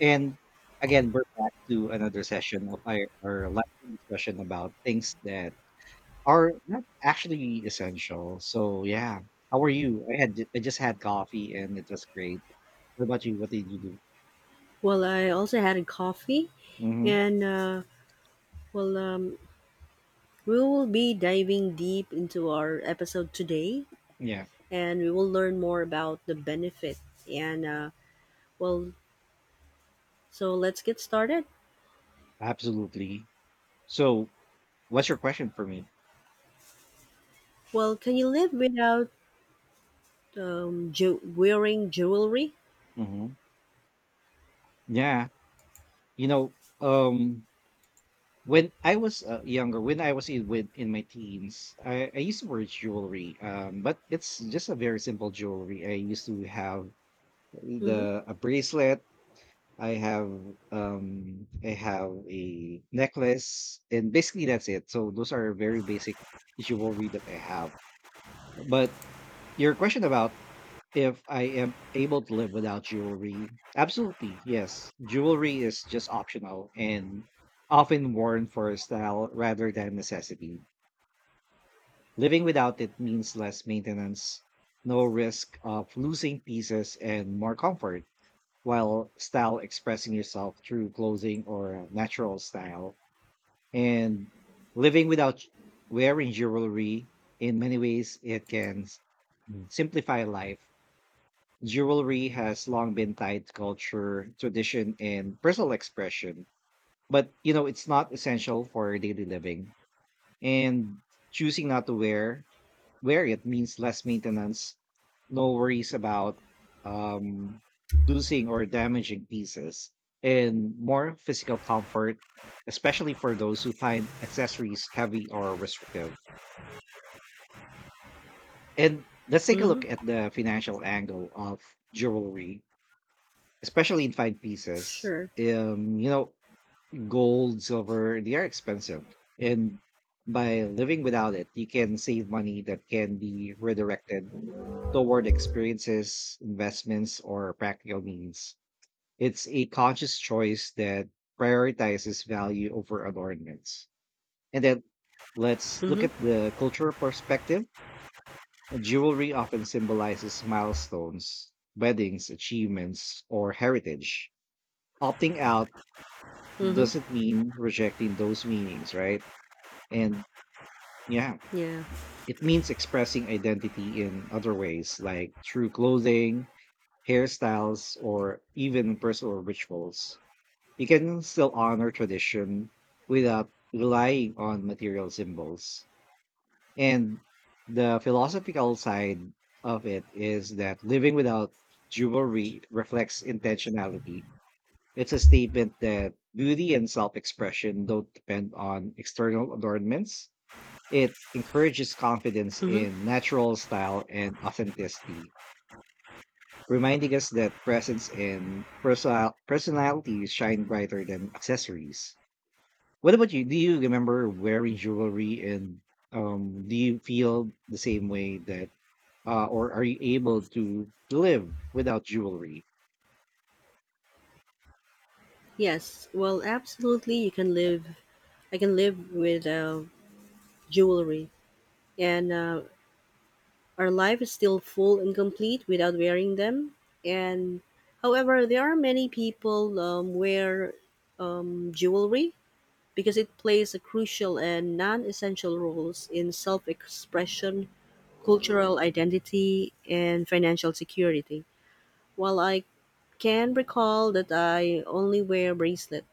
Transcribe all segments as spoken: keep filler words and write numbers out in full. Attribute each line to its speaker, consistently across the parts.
Speaker 1: And again, we're back to another session of our, our live discussion about things that are not actually essential. So yeah, how are you? I had I just had coffee and it was great. What about you? What did you do?
Speaker 2: Well, I also had a coffee,
Speaker 1: Hmm.
Speaker 2: and uh, well, um, we will be diving deep into our episode today,
Speaker 1: Yeah,
Speaker 2: and we will learn more about the benefit. And uh, well, so let's get started.
Speaker 1: absolutely. So, what's your question for me?
Speaker 2: Well, can you live without um, ju- wearing jewelry?
Speaker 1: Hmm. Yeah, you know, um, when I was uh, younger, when I was in with in my teens, I, I used to wear jewelry. Um, but it's just a very simple jewelry. I used to have
Speaker 2: Mm-hmm.
Speaker 1: the a bracelet. I have um i have a necklace, and basically that's it. So those are very basic jewelry that I have. But your question about if I am able to live without jewelry, absolutely yes. Jewelry is just optional and often worn for style rather than necessity. Living without it means less maintenance, no risk of losing pieces, and more comfort, while style expressing yourself through clothing or natural style. And living without wearing jewelry, in many ways it can s- mm, simplify life. Jewelry has long been tied to culture, tradition, and personal expression, but you know it's not essential for daily living. And choosing not to wear, where it means less maintenance, no worries about um, losing or damaging pieces, and more physical comfort, especially for those who find accessories heavy or restrictive. And let's take a look
Speaker 2: Mm-hmm.
Speaker 1: at the financial angle of jewelry, especially in fine pieces.
Speaker 2: Sure.
Speaker 1: Um, you know, Gold, silver, they are expensive. And by living without it, you can save money that can be redirected toward experiences, investments, or practical means. It's a conscious choice that prioritizes value over adornments. And then let's look
Speaker 2: Mm-hmm.
Speaker 1: at the cultural perspective. Jewelry often symbolizes milestones, weddings, achievements, or heritage. Opting out
Speaker 2: Mm-hmm.
Speaker 1: doesn't mean rejecting those meanings, right? And yeah,
Speaker 2: Yeah.
Speaker 1: it means expressing identity in other ways, like through clothing, hairstyles, or even personal rituals. You can still honor tradition without relying on material symbols. And the philosophical side of it is that living without jewelry reflects intentionality. It's a statement that beauty and self expression don't depend on external adornments. It encourages confidence
Speaker 2: Mm-hmm.
Speaker 1: in natural style and authenticity, reminding us that presence and perso- personality shine brighter than accessories. What about you? Do you remember wearing jewelry, and um, do you feel the same way that, uh, or are you able to live without jewelry?
Speaker 2: Yes. Well, absolutely. You can live. I can live with uh, jewelry, and uh, our life is still full and complete without wearing them. And however, there are many people um, wear um, jewelry because it plays a crucial and non-essential roles in self-expression, cultural identity, and financial security. While I can recall that I only wear bracelet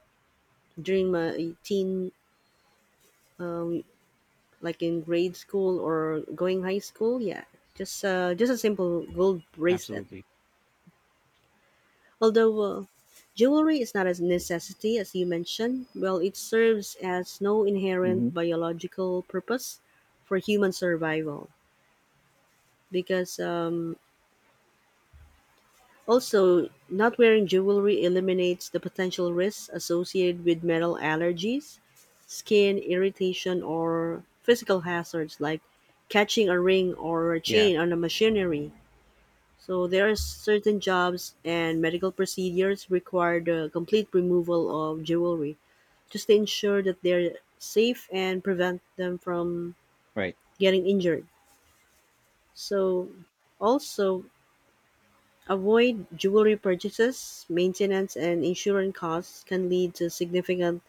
Speaker 2: during my teen, um, like in grade school or going high school. Yeah, just uh, just a simple gold bracelet.
Speaker 1: Absolutely.
Speaker 2: Although uh, jewelry is not a necessity, as you mentioned, well, it serves as no
Speaker 1: Hmm.
Speaker 2: inherent biological purpose for human survival. Because um, Also, not wearing jewelry eliminates the potential risks associated with metal allergies, skin irritation, or physical hazards like catching a ring or a
Speaker 1: Yeah,
Speaker 2: chain on a machinery. So there are certain jobs and medical procedures require the complete removal of jewelry just to ensure that they're safe and prevent them from
Speaker 1: right.
Speaker 2: getting injured. So, also avoid jewelry purchases, maintenance, and insurance costs can lead to significant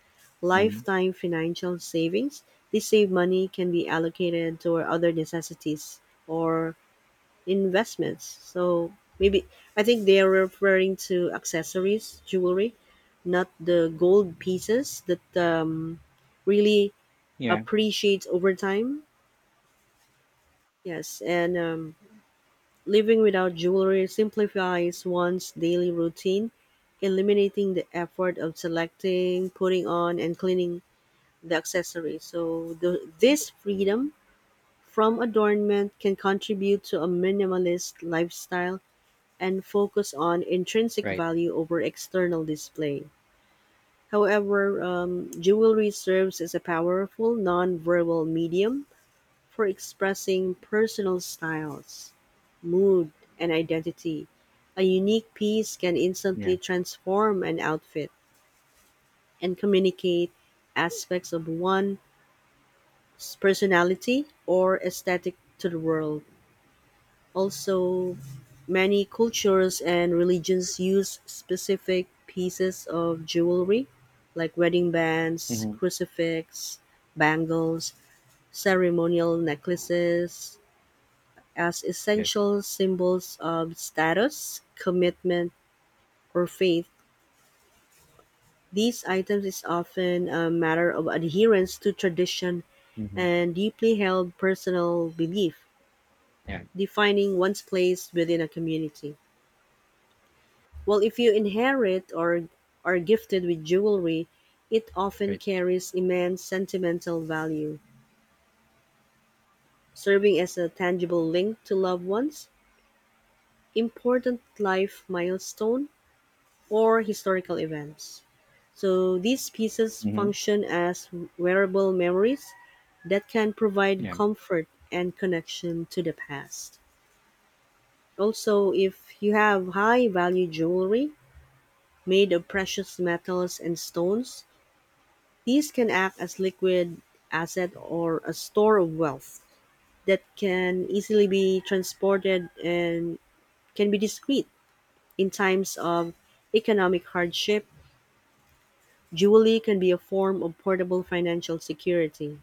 Speaker 1: Hmm.
Speaker 2: lifetime financial savings. This saved money can be allocated toward other necessities or investments. So, maybe I think they are referring to accessories, jewelry, not the gold pieces that um, really
Speaker 1: Yeah,
Speaker 2: appreciates over time. Yes, and um, living without jewelry simplifies one's daily routine, eliminating the effort of selecting, putting on, and cleaning the accessories. So, the, this freedom from adornment can contribute to a minimalist lifestyle and focus on intrinsic
Speaker 1: right.
Speaker 2: value over external display. However, um, jewelry serves as a powerful non verbal medium for expressing personal styles, mood, and identity. A unique piece can
Speaker 1: Yeah.
Speaker 2: instantly transform an outfit and communicate aspects of one's personality or aesthetic to the world. Also, many cultures and religions use specific pieces of jewelry like wedding bands,
Speaker 1: Hmm.
Speaker 2: crucifix, bangles, ceremonial necklaces, as
Speaker 1: Yes.
Speaker 2: essential symbols of status, commitment, or faith. These items is often a matter of adherence to tradition
Speaker 1: Hmm.
Speaker 2: and deeply held personal belief,
Speaker 1: Yeah,
Speaker 2: defining one's place within a community. Well, if you inherit or are gifted with jewelry, it often
Speaker 1: right.
Speaker 2: carries immense sentimental value, serving as a tangible link to loved ones, important life milestone, or historical events. So these pieces
Speaker 1: Hmm.
Speaker 2: function as wearable memories that can provide
Speaker 1: Yeah.
Speaker 2: comfort and connection to the past. Also, if you have high value jewelry made of precious metals and stones, these can act as liquid asset or a store of wealth that can easily be transported and can be discreet in times of economic hardship. Jewelry can be a form of portable financial security,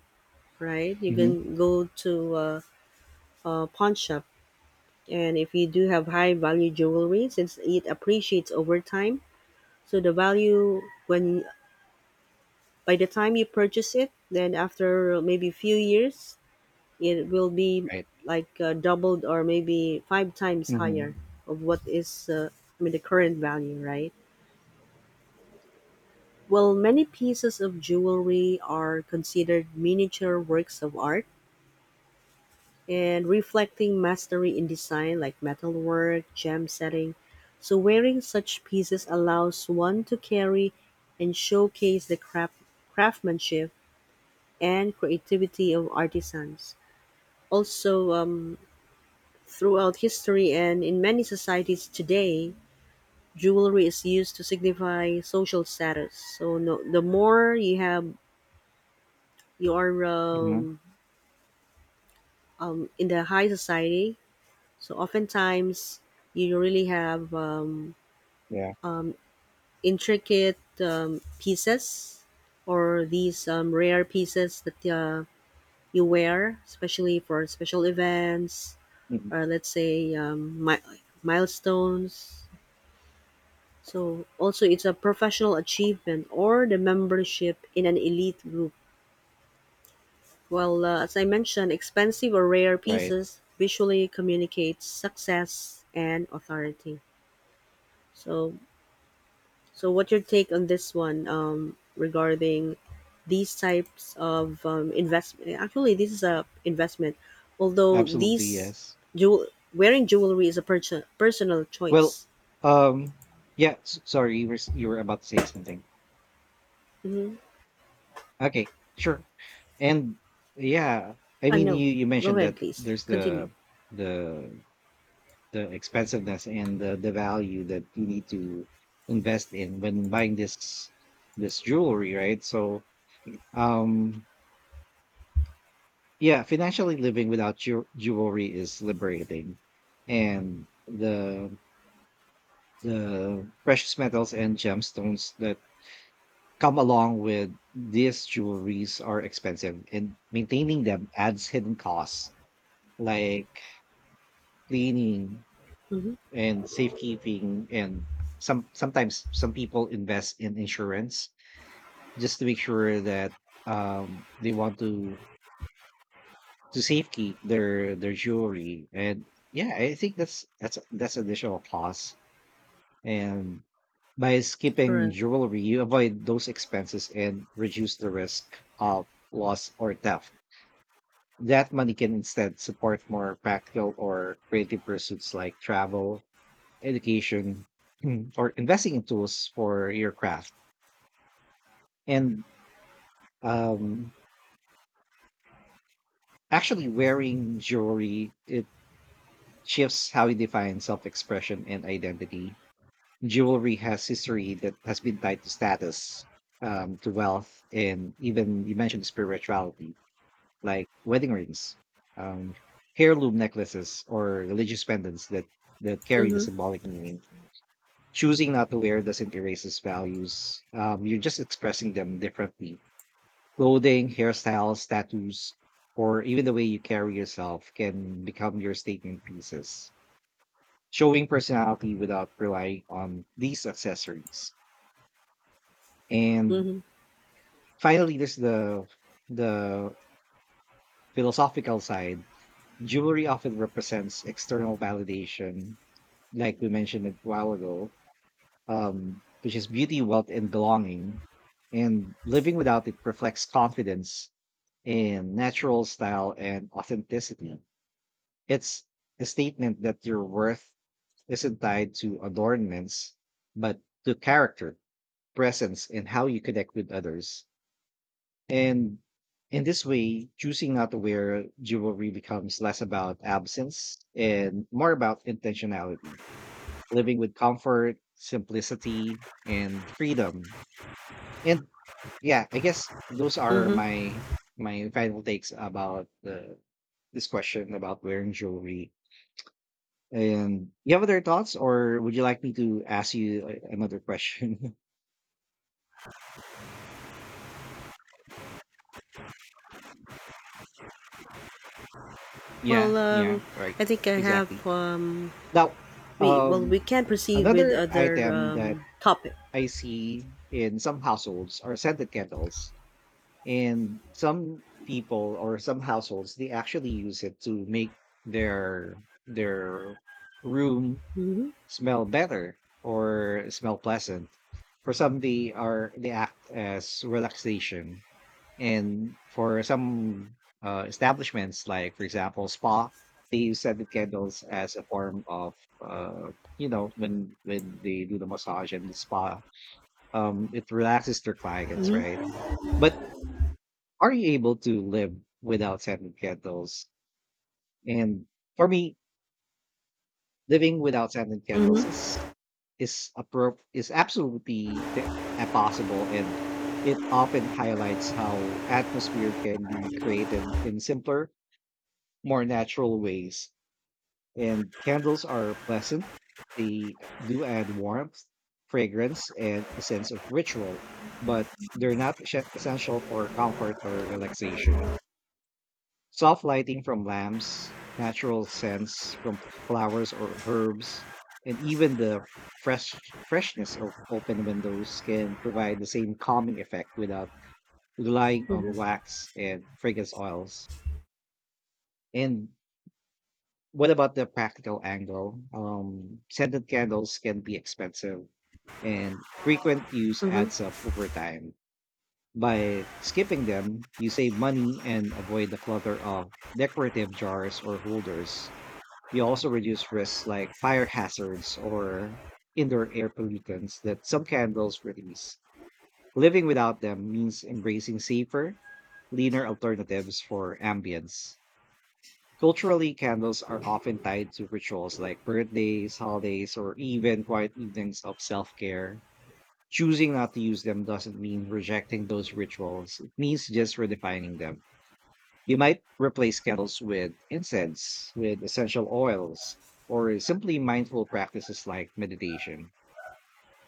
Speaker 2: right? You
Speaker 1: Hmm.
Speaker 2: can go to a, a pawn shop, and if you do have high value jewelry, since it appreciates over time, so the value when by the time you purchase it, then after maybe a few years, it will be
Speaker 1: Right.
Speaker 2: like uh, doubled or maybe five times higher
Speaker 1: Hmm.
Speaker 2: of what is uh, I mean the current value, right? Well, many pieces of jewelry are considered miniature works of art and reflecting mastery in design like metalwork, gem setting. So wearing such pieces allows one to carry and showcase the craft, craftsmanship and creativity of artisans. Also, um, throughout history and in many societies today, jewelry is used to signify social status. So no, the more you have, you are
Speaker 1: Mhm.
Speaker 2: um, um, in the high society. So oftentimes, you really have um,
Speaker 1: Yeah.
Speaker 2: um, intricate um, pieces or these um, rare pieces that uh, you wear, especially for special events
Speaker 1: Mhm.
Speaker 2: or let's say um, mi- milestones. So also it's a professional achievement or the membership in an elite group. Well, uh, as I mentioned, expensive or rare
Speaker 1: Right.
Speaker 2: pieces visually communicates success and authority. So So, what's your take on this one um, regarding these types of um, investment? Actually, this is a investment, although
Speaker 1: Absolutely,
Speaker 2: these
Speaker 1: yes.
Speaker 2: jewel wearing jewelry is a perso- personal
Speaker 1: Well,
Speaker 2: choice.
Speaker 1: um, yeah, s- sorry, you were s- you were about to say something.
Speaker 2: Mm-hmm.
Speaker 1: Okay, sure. And yeah, I
Speaker 2: Uh,
Speaker 1: mean,
Speaker 2: no,
Speaker 1: you you
Speaker 2: go
Speaker 1: mentioned
Speaker 2: ahead,
Speaker 1: that
Speaker 2: please
Speaker 1: there's
Speaker 2: continue.
Speaker 1: the the the expensiveness and the the value that you need to invest in when buying this this jewelry, right? So, um, yeah, financially living without jew- jewelry is liberating. And the The precious metals and gemstones that come along with these jewelries are expensive, and maintaining them adds hidden costs like cleaning
Speaker 2: Mm-hmm.
Speaker 1: and safekeeping. And some sometimes some people invest in insurance just to make sure that um, they want to to safekeep their their jewelry. And yeah, I think that's that's that's additional costs. And by skipping
Speaker 2: Correct.
Speaker 1: jewelry, you avoid those expenses and reduce the risk of loss or theft. That money can instead support more practical or creative pursuits like travel, education, or investing in tools for your craft. And um, actually, wearing jewelry, it shifts how you define self expression and identity. Jewelry has history that has been tied to status, um, to wealth, and even you mentioned spirituality, like wedding rings, um, heirloom necklaces, or religious pendants that that carry the
Speaker 2: Mm-hmm.
Speaker 1: symbolic meaning. Choosing not to wear doesn't erase its values. Um, you're just expressing them differently. Clothing, hairstyles, tattoos, or even the way you carry yourself can become your statement pieces, showing personality without relying on these accessories. And
Speaker 2: Mm-hmm.
Speaker 1: finally, there's the the philosophical side. Jewelry often represents external validation, like we mentioned a while ago, um, which is beauty, wealth, and belonging. And living without it reflects confidence in natural style and authenticity. It's a statement that your worth isn't tied to adornments, but to character, presence, and how you connect with others. And in this way, choosing not to wear jewelry becomes less about absence and more about intentionality, living with comfort, simplicity, and freedom. And yeah, I guess those are
Speaker 2: Mm-hmm.
Speaker 1: my my final takes about the this question about wearing jewelry. And you have other thoughts, or would you like me to ask you a- another question? Yeah,
Speaker 2: Well,
Speaker 1: yeah,
Speaker 2: um,
Speaker 1: right,
Speaker 2: I think I have.
Speaker 1: exactly.
Speaker 2: Um,
Speaker 1: Now,
Speaker 2: we well,
Speaker 1: um,
Speaker 2: we can proceed with
Speaker 1: another
Speaker 2: other
Speaker 1: item that
Speaker 2: um, topic.
Speaker 1: I see in some households are scented candles, and some people or some households, they actually use it to make their their room
Speaker 2: Mm-hmm.
Speaker 1: smell better or smell pleasant. For some, they are they act as relaxation, and for some uh, establishments, like for example, spa, they use scented candles as a form of, uh, you know, when when they do the massage and the spa, um, it relaxes their clients,
Speaker 2: Mm-hmm.
Speaker 1: right? But are you able to live without scented candles? And for me, living without scented candles
Speaker 2: Mm-hmm.
Speaker 1: is is appro- is absolutely t- uh, possible, and it often highlights how atmosphere can be created in simpler, more natural ways. And candles are pleasant. They do add warmth, fragrance, and a sense of ritual, but they're not essen- essential for comfort or relaxation. Soft lighting from lamps, natural scents from flowers or herbs, and even the fresh freshness of open windows can provide the same calming effect without relying
Speaker 2: Mm-hmm.
Speaker 1: on wax and fragrance oils. And what about the practical angle? Um, scented candles can be expensive, and frequent use adds up over time. By skipping them, you save money and avoid the clutter of decorative jars or holders. You also reduce risks like fire hazards or indoor air pollutants that some candles release. Living without them means embracing safer, leaner alternatives for ambience. Culturally, candles are often tied to rituals like birthdays, holidays, or even quiet evenings of self care. Choosing not to use them doesn't mean rejecting those rituals, it means just redefining them. You might replace candles with incense, with essential oils, or simply mindful practices like meditation.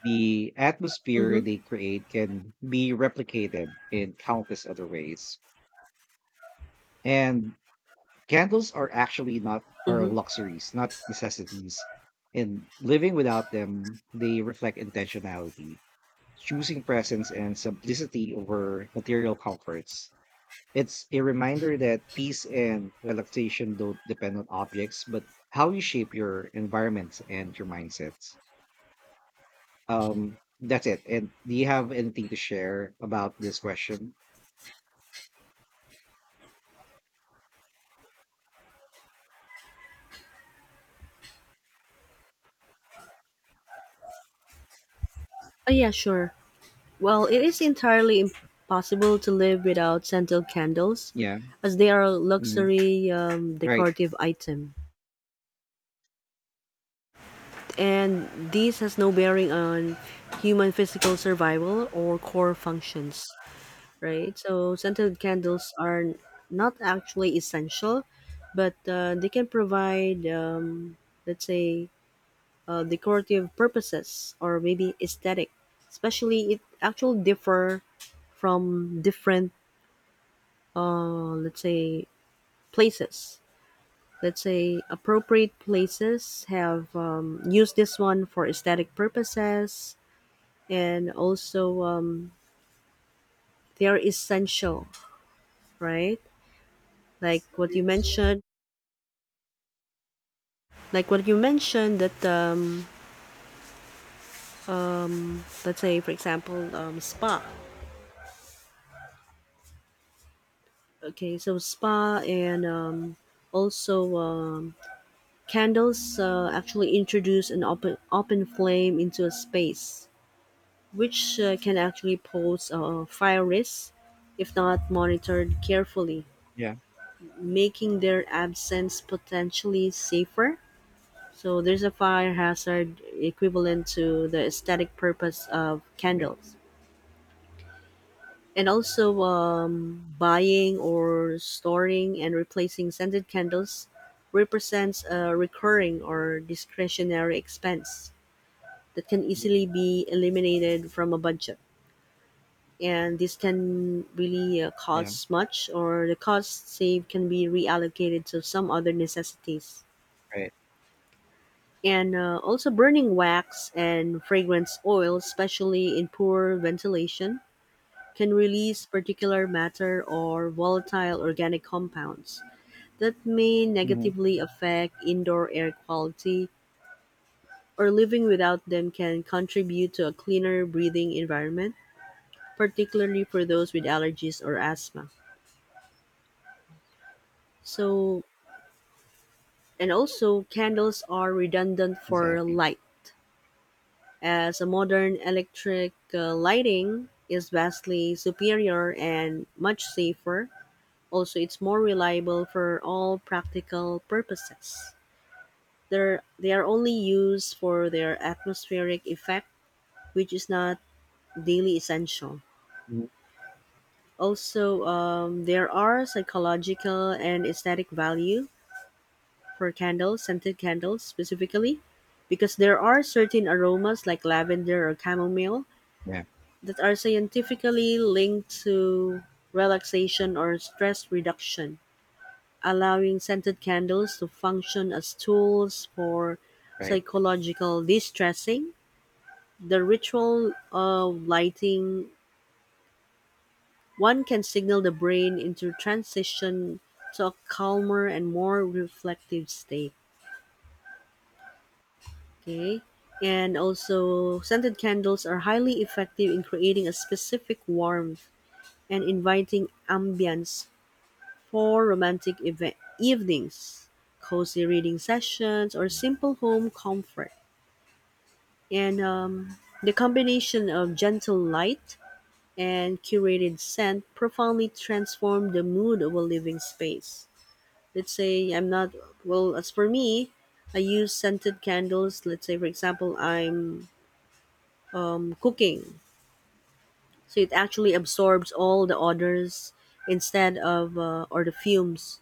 Speaker 1: The atmosphere
Speaker 2: Mm-hmm.
Speaker 1: they create can be replicated in countless other ways. And candles are actually not, are
Speaker 2: Mm-hmm.
Speaker 1: luxuries, not necessities. And living without them, they reflect intentionality, choosing presence and simplicity over material comforts. It's a reminder that peace and relaxation don't depend on objects, but how you shape your environments and your mindsets. Um, that's it. And do you have anything to share about this question?
Speaker 2: Oh yeah, sure. Well, it is entirely impossible to live without scented candles,
Speaker 1: Yeah.
Speaker 2: as they are a
Speaker 1: Mhm.
Speaker 2: luxury um,
Speaker 1: Right.
Speaker 2: decorative item. And this has no bearing on human physical survival or core functions, right? So, scented candles are not actually essential, but uh, they can provide, um, let's say, uh, decorative purposes or maybe aesthetic. Especially, it actually differ from different uh, let's say places, let's say appropriate places have um, used this one for aesthetic purposes, and also um, they are essential, right, like what you mentioned, like what you mentioned that um, um, let's say for example um, spa. Okay, so spa, and um, also um, candles uh, actually introduce an open open flame into a space which uh, can actually pose a fire risk if not monitored carefully,
Speaker 1: Yeah.
Speaker 2: making their absence potentially safer. So there's a fire hazard equivalent to the aesthetic purpose of
Speaker 1: Right.
Speaker 2: candles. And also, um, buying or storing and replacing scented candles represents a recurring or discretionary expense that can
Speaker 1: Mhm.
Speaker 2: easily be eliminated from a budget. And this can really uh,
Speaker 1: Yeah.
Speaker 2: cost much, or the cost saved can be reallocated to some other necessities.
Speaker 1: Right.
Speaker 2: And uh, Also, burning wax and fragrance oil especially in poor ventilation can release particulate matter or volatile organic compounds that may
Speaker 1: Mhm.
Speaker 2: negatively affect indoor air quality, or living without them can contribute to a cleaner breathing environment, particularly for those with allergies or asthma. So, and also candles are redundant for
Speaker 1: Exactly.
Speaker 2: light, as a modern electric uh, lighting is vastly superior and much safer. Also, it's more reliable for all practical purposes. They're, they are only used for their atmospheric effect, which is not daily essential.
Speaker 1: Mm-hmm.
Speaker 2: Also, um, there are psychological and aesthetic value for candles, scented candles specifically, because there are certain aromas like lavender or chamomile
Speaker 1: Yeah,
Speaker 2: that are scientifically linked to relaxation or stress reduction, allowing scented candles to function as tools for
Speaker 1: right.
Speaker 2: psychological distressing. The ritual of lighting one can signal the brain into transition to a calmer and more reflective state. Okay. And also, scented candles are highly effective in creating a specific warmth and inviting ambience for romantic event- evenings, cozy reading sessions, or simple home comfort. And um, the combination of gentle light and curated scent profoundly transform the mood of a living space. Let's say I'm not, well, As for me, I use scented candles. Let's say, for example, I'm um, cooking. So it actually absorbs all the odors instead of uh, or the fumes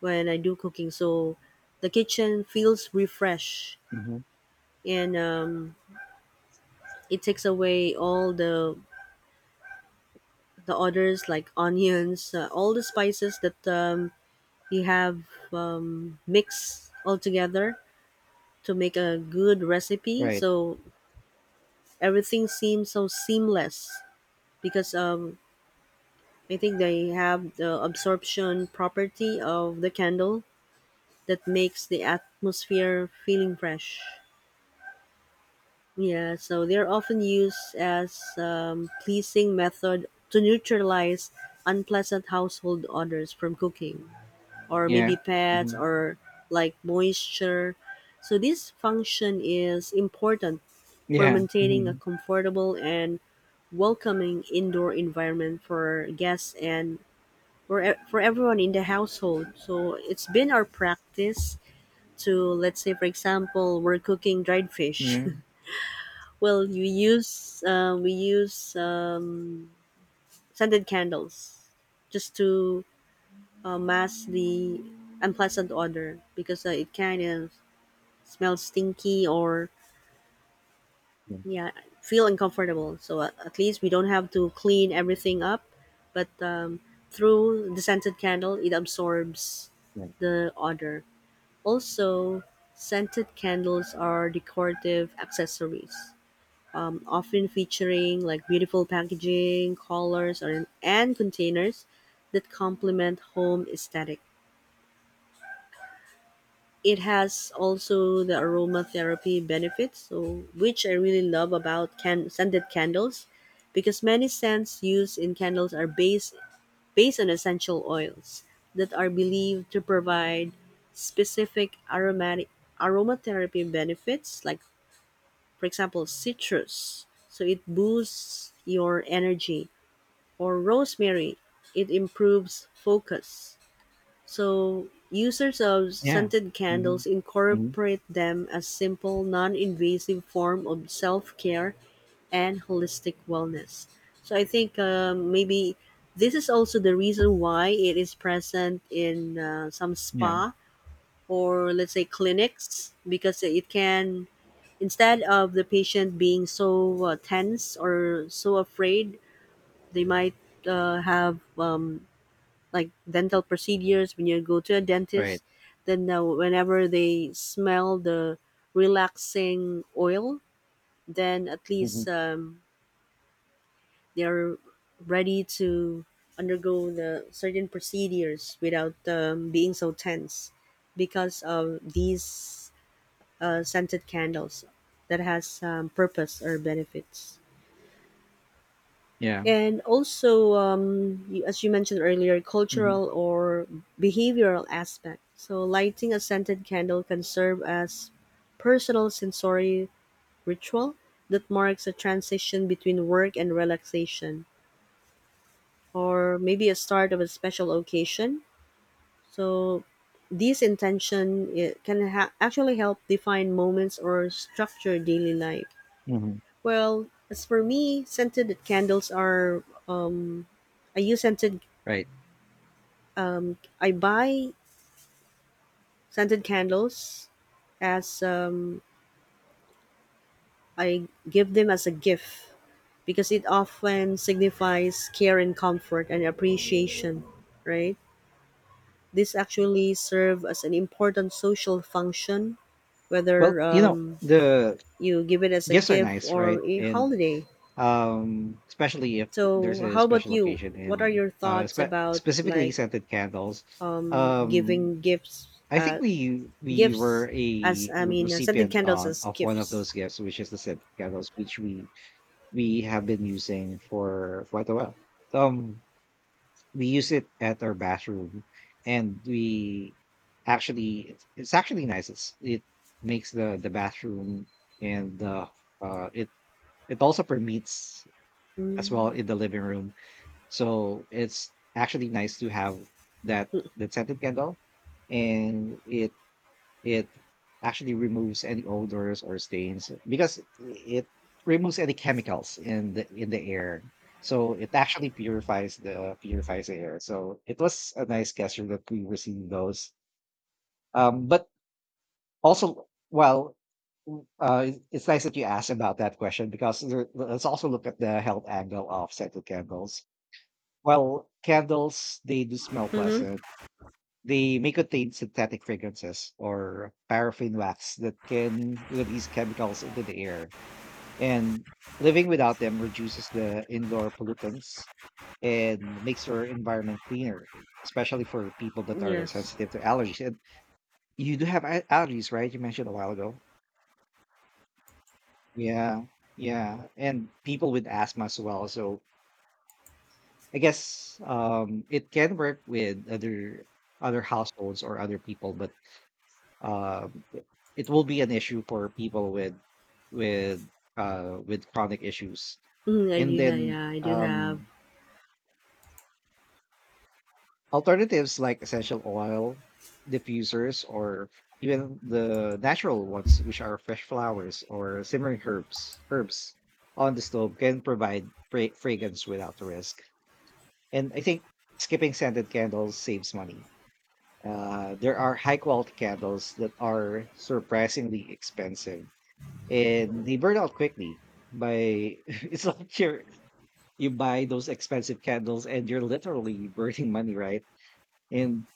Speaker 2: when I do cooking. So the kitchen feels refreshed,
Speaker 1: Mhm.
Speaker 2: and um, it takes away all the the odors like onions, uh, all the spices that um, you have um, mixed all together to make a good recipe.
Speaker 1: Right.
Speaker 2: So everything seems so seamless because um, I think they have the absorption property of the candle that makes the atmosphere feeling fresh. Yeah, so they're often used as um, pleasing method to neutralize unpleasant household odors from cooking, or
Speaker 1: Yeah.
Speaker 2: maybe pets
Speaker 1: Mhm.
Speaker 2: or like moisture. So this function is important for
Speaker 1: Yeah.
Speaker 2: maintaining a
Speaker 1: Mhm.
Speaker 2: comfortable and welcoming indoor environment for guests and for e- for everyone in the household. So it's been our practice to, let's say for example we're cooking dried fish.
Speaker 1: Yeah.
Speaker 2: Well, we use uh, we use um, scented candles just to uh, mask the unpleasant odor because uh, it kind of smells stinky or
Speaker 1: Yeah.
Speaker 2: yeah feel uncomfortable. So uh, at least we don't have to clean everything up, but um, through the scented candle it absorbs
Speaker 1: Yeah.
Speaker 2: the odor. Also, scented candles are decorative accessories, um, often featuring like beautiful packaging, colors, or, and containers that complement home aesthetic. It has also the aromatherapy benefits, so which I really love about can- scented candles, because many scents used in candles are based based on essential oils that are believed to provide specific aromatic aromatherapy benefits, like for example citrus, so it boosts your energy, or rosemary, it improves focus. So, users of
Speaker 1: Yeah.
Speaker 2: scented
Speaker 1: Mhm.
Speaker 2: candles
Speaker 1: Mhm.
Speaker 2: incorporate them as simple, non-invasive form of self-care and holistic wellness. So, I think um, maybe this is also the reason why it is present in uh, some
Speaker 1: Yeah.
Speaker 2: spa or let's say clinics, because it can, instead of the patient being so uh, tense or so afraid, they might uh, have um, like dental procedures when you go to a
Speaker 1: Right.
Speaker 2: dentist, then uh, whenever they smell the relaxing oil, then at least
Speaker 1: Mhm.
Speaker 2: um, they're ready to undergo the certain procedures without um, being so tense because of these uh, scented candles that has um, purpose or benefits.
Speaker 1: Yeah.
Speaker 2: And also, um, you, as you mentioned earlier,
Speaker 1: Mhm.
Speaker 2: cultural or behavioral aspect. So, lighting a scented candle can serve as personal sensory ritual that marks a transition between work and relaxation, or maybe a start of a special occasion. So, this intention it can ha- actually help define moments or structure daily life.
Speaker 1: Mhm.
Speaker 2: Well, as for me, scented candles are um, I use scented
Speaker 1: Right.
Speaker 2: um, I buy scented candles as um, I give them as a gift because it often signifies care and comfort and appreciation, right? This actually serve as an important social function,
Speaker 1: Well,
Speaker 2: whether
Speaker 1: you know,
Speaker 2: um,
Speaker 1: the
Speaker 2: you give it as a
Speaker 1: gifts are
Speaker 2: gift
Speaker 1: nice, right?
Speaker 2: or a
Speaker 1: And
Speaker 2: holiday.
Speaker 1: um especially if there's
Speaker 2: So,
Speaker 1: a
Speaker 2: how about
Speaker 1: special
Speaker 2: you?
Speaker 1: occasion,
Speaker 2: What are
Speaker 1: and
Speaker 2: your
Speaker 1: uh
Speaker 2: thoughts
Speaker 1: spe-
Speaker 2: about
Speaker 1: specifically
Speaker 2: like
Speaker 1: scented candles, um
Speaker 2: giving gifts,
Speaker 1: I think
Speaker 2: uh,
Speaker 1: we we were
Speaker 2: gifts as
Speaker 1: a
Speaker 2: I mean, uh, scented
Speaker 1: recipient
Speaker 2: candles
Speaker 1: uh,
Speaker 2: as
Speaker 1: of one of
Speaker 2: gifts?
Speaker 1: those gifts, which is the scented candles, which we we have been using for quite a while. Um, we use it at our bathroom, and we actually it's actually nice. It's it makes the the bathroom and the uh it it also permeates as well in the living room. So it's actually nice to have that that scented candle, and it it actually removes any odors or stains because it removes any chemicals in the in the air. So it actually purifies the purifies the air. So it was a nice gesture that we received those. Um, but also, well, w- uh, it- it's nice that you asked about that question because there, let's also look at the health angle of scented candles. Well, candles, they do smell
Speaker 2: Mm-hmm.
Speaker 1: pleasant. They may contain synthetic fragrances or paraffin wax that can release chemicals into the air. And living without them reduces the indoor pollutants and makes our environment cleaner, especially for people that are
Speaker 2: Yes.
Speaker 1: sensitive to allergies. And you do have al- allergies, right? You mentioned a while ago. Yeah, yeah, and people with asthma as well. So I guess um, it can work with other other households or other people, but uh, it will be an issue for people with with uh with chronic issues.
Speaker 2: Mm, I
Speaker 1: And
Speaker 2: do have,
Speaker 1: then
Speaker 2: yeah, I do have.
Speaker 1: um alternatives like essential oil diffusers, or even the natural ones, which are fresh flowers or simmering herbs herbs on the stove, can provide fra- fragrance without the risk. And I think skipping scented candles saves money. Uh, there are high quality candles that are surprisingly expensive, and they burn out quickly. By it's like you're you buy those expensive candles and you're literally burning money, right? And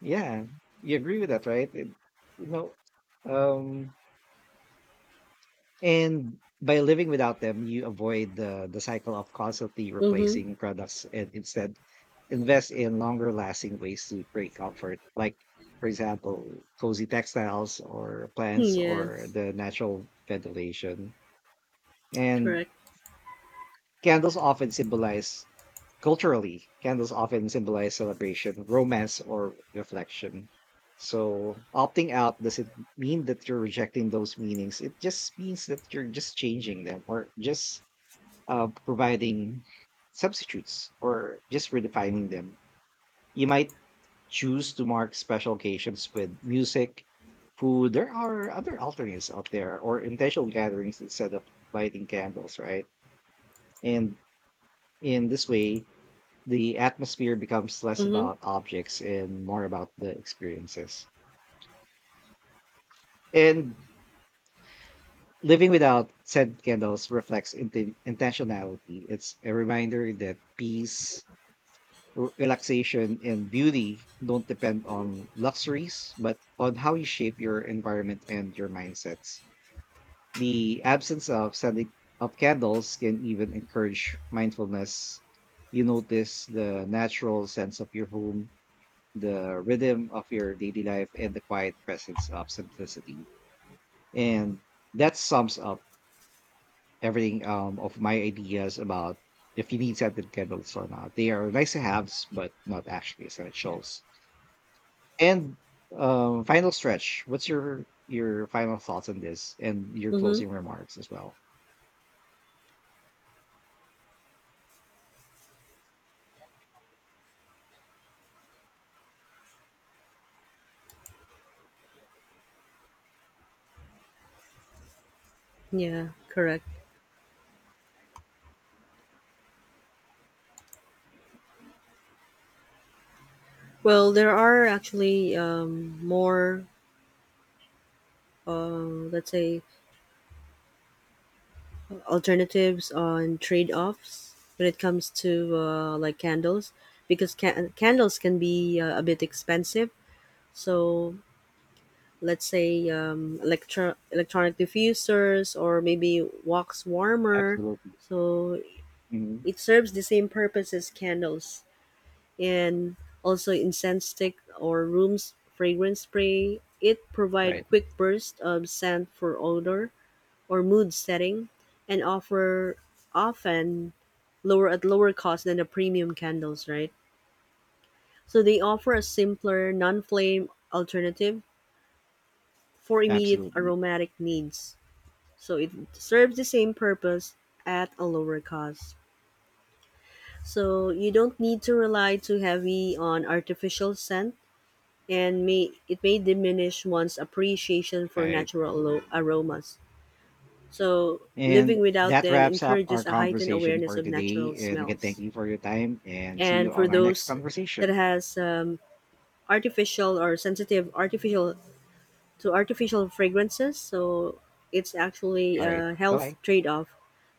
Speaker 1: yeah, you agree with that, right? It- you know um and by living without them, you avoid the the cycle of constantly
Speaker 2: Mm-hmm.
Speaker 1: replacing products, and instead invest in longer lasting ways to create comfort, like for example cozy textiles or
Speaker 2: Mm-hmm,
Speaker 1: plants or
Speaker 2: yes.
Speaker 1: the natural ventilation. And
Speaker 2: Correct.
Speaker 1: Candles often symbolize, culturally, candles often symbolize celebration, romance, or reflection. So opting out doesn't mean that you're rejecting those meanings. It just means that you're just changing them, or just uh, providing substitutes, or just redefining them. You might choose to mark special occasions with music, food. There are other alternatives out there, or intentional gatherings, instead of lighting candles, right? And in this way, the atmosphere becomes less
Speaker 2: Mm-hmm.
Speaker 1: about objects and more about the experiences. And living without scent candles reflects inten- intentionality. It's a reminder that peace, r- relaxation, and beauty don't depend on luxuries, but on how you shape your environment and your mindsets. The absence of scented of candles can even encourage mindfulness. You notice the natural sense of your home, the rhythm of your daily life, and the quiet presence of simplicity. And that sums up everything um, of my ideas about if you need scented candles or not. They are nice to haves, but not actually essentials. And um, final stretch. What's your your final thoughts on this, and your
Speaker 2: Mm-hmm.
Speaker 1: closing remarks as well?
Speaker 2: Yeah, correct. Well, there are actually um, more, uh, let's say, alternatives on trade-offs when it comes to uh, like candles, because ca- candles can be uh, a bit expensive. So let's say um, electro- electronic diffusers or maybe wax warmer.
Speaker 1: Absolutely.
Speaker 2: So
Speaker 1: Mhm.
Speaker 2: it serves the same purpose as candles, and also incense stick or room fragrance spray. It provide
Speaker 1: Right.
Speaker 2: quick burst of scent for odor or mood setting and offer often lower at lower cost than the premium candles, right? So they offer a simpler non-flame alternative for immediate
Speaker 1: Absolutely.
Speaker 2: aromatic needs. So it serves the same purpose at a lower cost. So you don't need to rely too heavy on artificial scent, and may it may diminish one's appreciation for
Speaker 1: Right.
Speaker 2: natural alo- aromas. So living
Speaker 1: And
Speaker 2: without
Speaker 1: that
Speaker 2: them
Speaker 1: wraps up our
Speaker 2: encourages a heightened
Speaker 1: conversation
Speaker 2: awareness
Speaker 1: for
Speaker 2: of
Speaker 1: today.
Speaker 2: natural
Speaker 1: And again, thank
Speaker 2: smells.
Speaker 1: you for your time, and see
Speaker 2: And
Speaker 1: you
Speaker 2: for
Speaker 1: on our next
Speaker 2: those that
Speaker 1: conversation.
Speaker 2: has um, artificial or sensitive artificial to artificial fragrances, so it's actually
Speaker 1: All right.
Speaker 2: a
Speaker 1: Bye.
Speaker 2: health
Speaker 1: Bye.
Speaker 2: trade-off